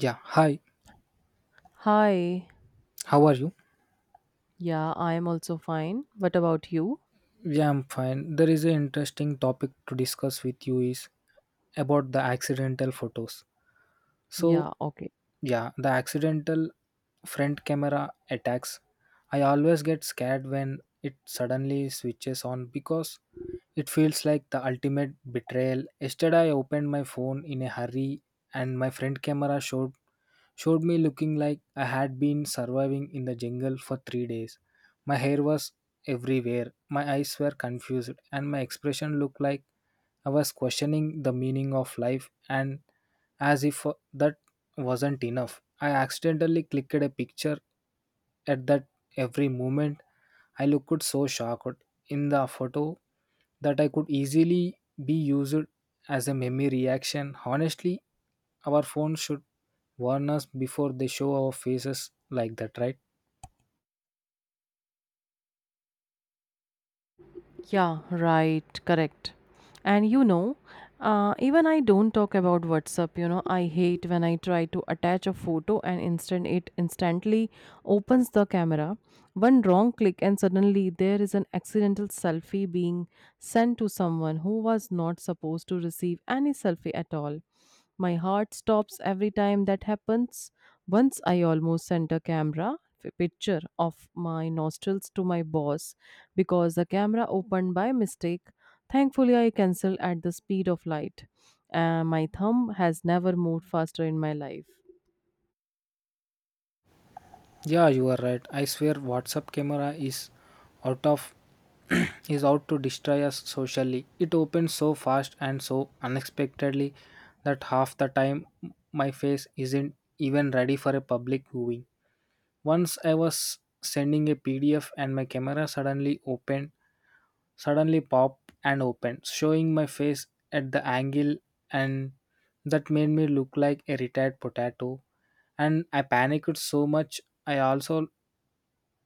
Yeah, hi. Hi. How are you? Yeah, I am also fine. What about you? Yeah, I'm fine. There is an interesting topic to discuss with you is about the accidental photos. So, Yeah, okay. yeah, the accidental front camera attacks. I always get scared when it suddenly switches on because it feels like the ultimate betrayal. Yesterday I opened my phone in a hurry and my front camera showed me looking like I had been surviving in the jungle for 3 days. My hair was everywhere, my eyes were confused and my expression looked like I was questioning the meaning of life, and as if that wasn't enough, I accidentally clicked a picture at that every moment I looked so shocked in the photo that I could easily be used as a meme reaction. Honestly, our phone should warn us before they show our faces like that, right? Yeah, right, correct. And you know, even I don't talk about WhatsApp, you know, I hate when I try to attach a photo and instantly opens the camera. One wrong click and suddenly there is an accidental selfie being sent to someone who was not supposed to receive any selfie at all. My heart stops every time that happens. Once I almost sent a picture of my nostrils to my boss because the camera opened by mistake. Thankfully, I cancelled at the speed of light. My thumb has never moved faster in my life. Yeah, you are right. I swear WhatsApp camera is out of is out to destroy us socially. It opens so fast and so unexpectedly that half the time my face isn't even ready for a public viewing. Once I was sending a PDF and my camera suddenly popped and opened, showing my face at the angle and that made me look like a retired potato, and I panicked so much I also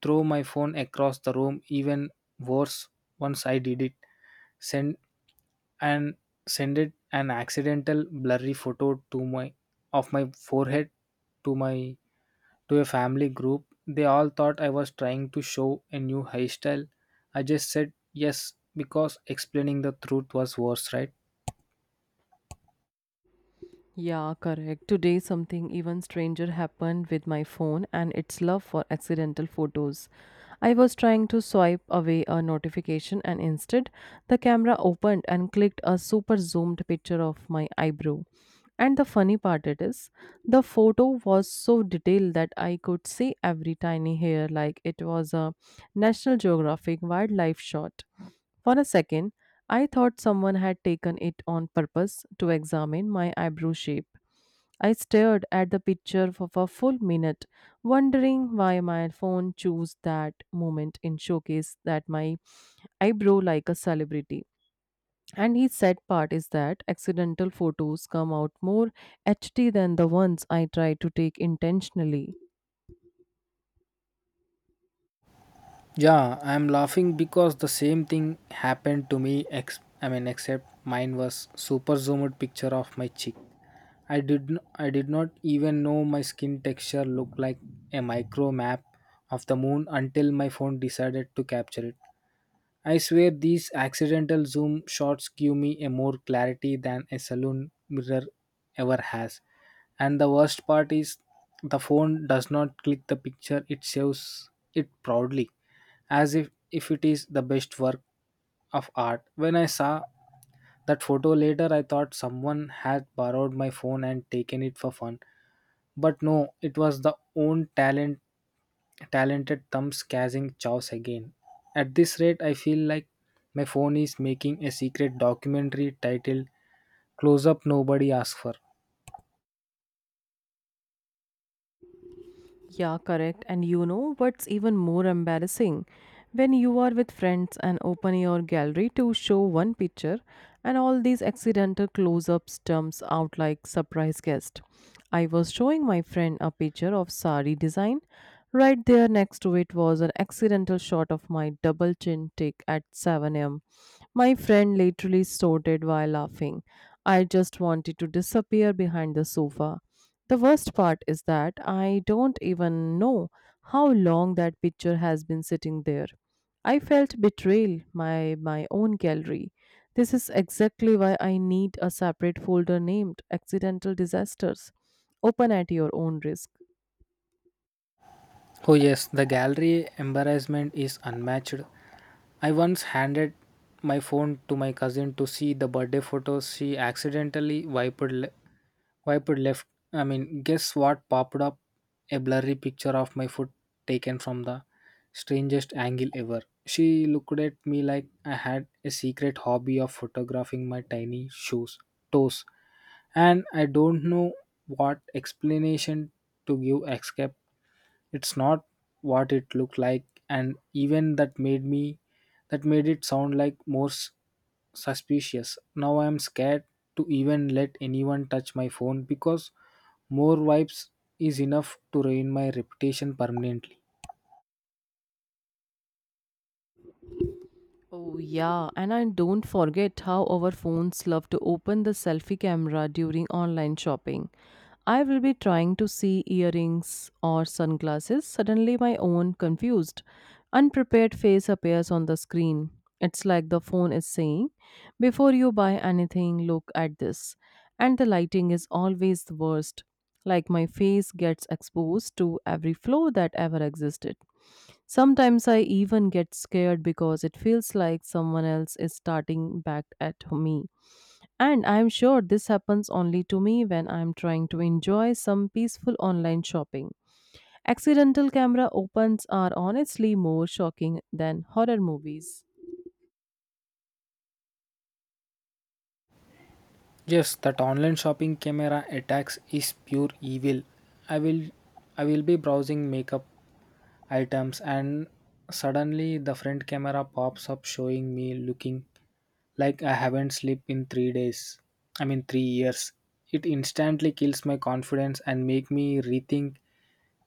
threw my phone across the room. Even worse, once I did it send and send it an accidental blurry photo to my of my forehead to my to a family group. They all thought I was trying to show a new hairstyle. I just said yes because explaining the truth was worse, right? Yeah, correct. Today, something even stranger happened with my phone and its love for accidental photos. I was trying to swipe away a notification, and instead, the camera opened and clicked a super zoomed picture of my eyebrow. And the funny part it is, the photo was so detailed that I could see every tiny hair like it was a National Geographic wildlife shot. For a second, I thought someone had taken it on purpose to examine my eyebrow shape. I stared at the picture for a full minute, wondering why my phone chose that moment in showcase that my eyebrow like a celebrity. And his sad part is that accidental photos come out more HD than the ones I try to take intentionally. Yeah, I'm laughing because the same thing happened to me. Except mine was super zoomed picture of my cheek. I did n- I did not even know my skin texture looked like a micro map of the moon until my phone decided to capture it. I swear these accidental zoom shots give me a more clarity than a saloon mirror ever has. And the worst part is the phone does not click the picture, it saves it proudly as if it is the best work of art. When I saw that photo later, I thought someone had borrowed my phone and taken it for fun. But no, it was the own talented thumbs catching chows again. At this rate I feel like my phone is making a secret documentary titled Close Up Nobody Asked For. Yeah, correct. And you know what's even more embarrassing? When you are with friends and open your gallery to show one picture, and all these accidental close ups jumps out like surprise guest. I was showing my friend a picture of sari design. Right there next to it was an accidental shot of my double chin tick at 7 am. My friend literally snorted while laughing. I just wanted to disappear behind the sofa. The worst part is that I don't even know how long that picture has been sitting there. I felt betrayal by my own gallery. This is exactly why I need a separate folder named Accidental Disasters. Open at your own risk. Oh yes, the gallery embarrassment is unmatched. I once handed my phone to my cousin to see the birthday photos she accidentally Wipe left. I mean, guess what popped up? A blurry picture of my foot taken from the strangest angle ever. She looked at me like I had a secret hobby of photographing my toes, and I don't know what explanation to give except it's not what it looked like, and even that made it sound like suspicious. Now I am scared to even let anyone touch my phone because more vibes is enough to ruin my reputation permanently. Oh, yeah, and I don't forget how our phones love to open the selfie camera during online shopping. I will be trying to see earrings or sunglasses. Suddenly, my own confused, unprepared face appears on the screen. It's like the phone is saying, before you buy anything, look at this. And the lighting is always the worst. Like my face gets exposed to every flaw that ever existed. Sometimes I even get scared because it feels like someone else is starting back at me. And I'm sure this happens only to me when I'm trying to enjoy some peaceful online shopping. Accidental camera opens are honestly more shocking than horror movies. Yes, that online shopping camera attacks is pure evil. I will I will be browsing makeup items and suddenly the front camera pops up showing me looking like I haven't slept in 3 days. I mean 3 years. It instantly kills my confidence and make me rethink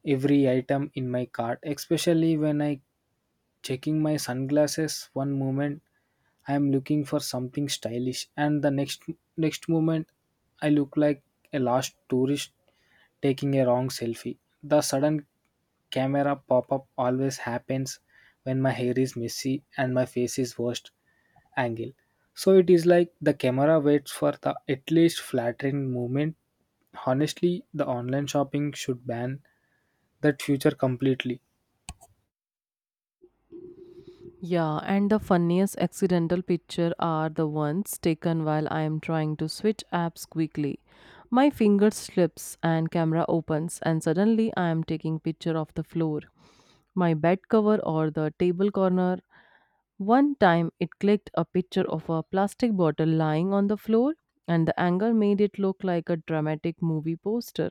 every item in my cart, especially when I checking my sunglasses one moment I am looking for something stylish and the next moment I look like a lost tourist taking a wrong selfie. The sudden camera pop up always happens when my hair is messy and my face is worst angle. So it is like the camera waits for the at least flattering moment. Honestly, the online shopping should ban that feature completely. Yeah, and the funniest accidental picture are the ones taken while I am trying to switch apps quickly. My finger slips and camera opens and suddenly I am taking picture of the floor, my bed cover or the table corner. One time it clicked a picture of a plastic bottle lying on the floor and the angle made it look like a dramatic movie poster.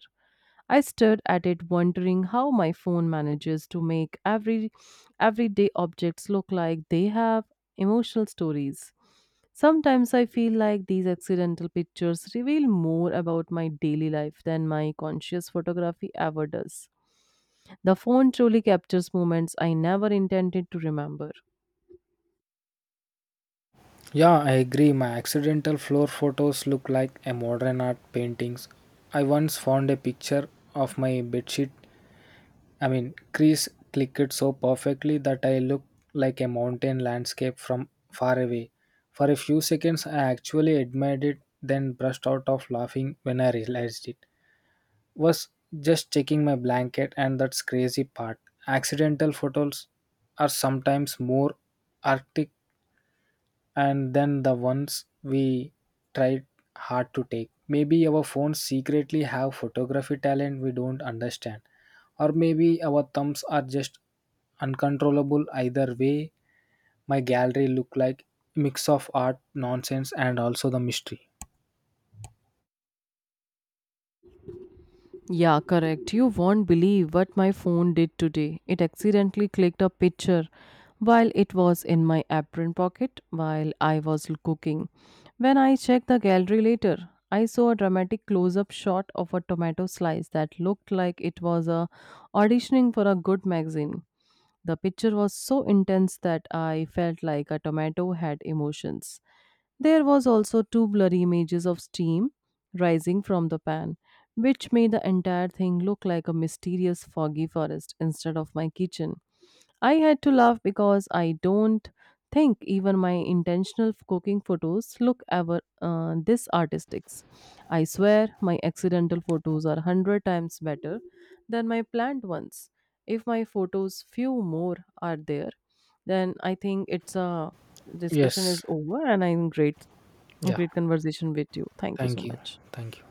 I stared at it wondering how my phone manages to make everyday objects look like they have emotional stories. Sometimes I feel like these accidental pictures reveal more about my daily life than my conscious photography ever does. The phone truly captures moments I never intended to remember. Yeah, I agree. My accidental floor photos look like a modern art paintings. I once found a picture of my bedsheet. I mean, crease clicked so perfectly that I looked like a mountain landscape from far away. For a few seconds, I actually admired it, then burst out of laughing when I realized it was just checking my blanket, and that's crazy part. Accidental photos are sometimes more arctic and then the ones we tried hard to take. Maybe our phones secretly have photography talent we don't understand, or maybe our thumbs are just uncontrollable. Either way, my gallery look like mix of art, nonsense, and also the mystery. Yeah, correct. You won't believe what my phone did today. It accidentally clicked a picture while it was in my apron pocket while I was cooking. When I checked the gallery later, I saw a dramatic close-up shot of a tomato slice that looked like it was a auditioning for a good magazine. The picture was so intense that I felt like a tomato had emotions. There was also two blurry images of steam rising from the pan, which made the entire thing look like a mysterious foggy forest instead of my kitchen. I had to laugh because I don't think even my cooking photos look ever this artistic. I swear my accidental photos are 100 times better than my planned ones. If my photos few more are there, then I think it's a discussion is Yes, over and I'm great yeah. great conversation with you. Thank you so Thank you, much. thank you.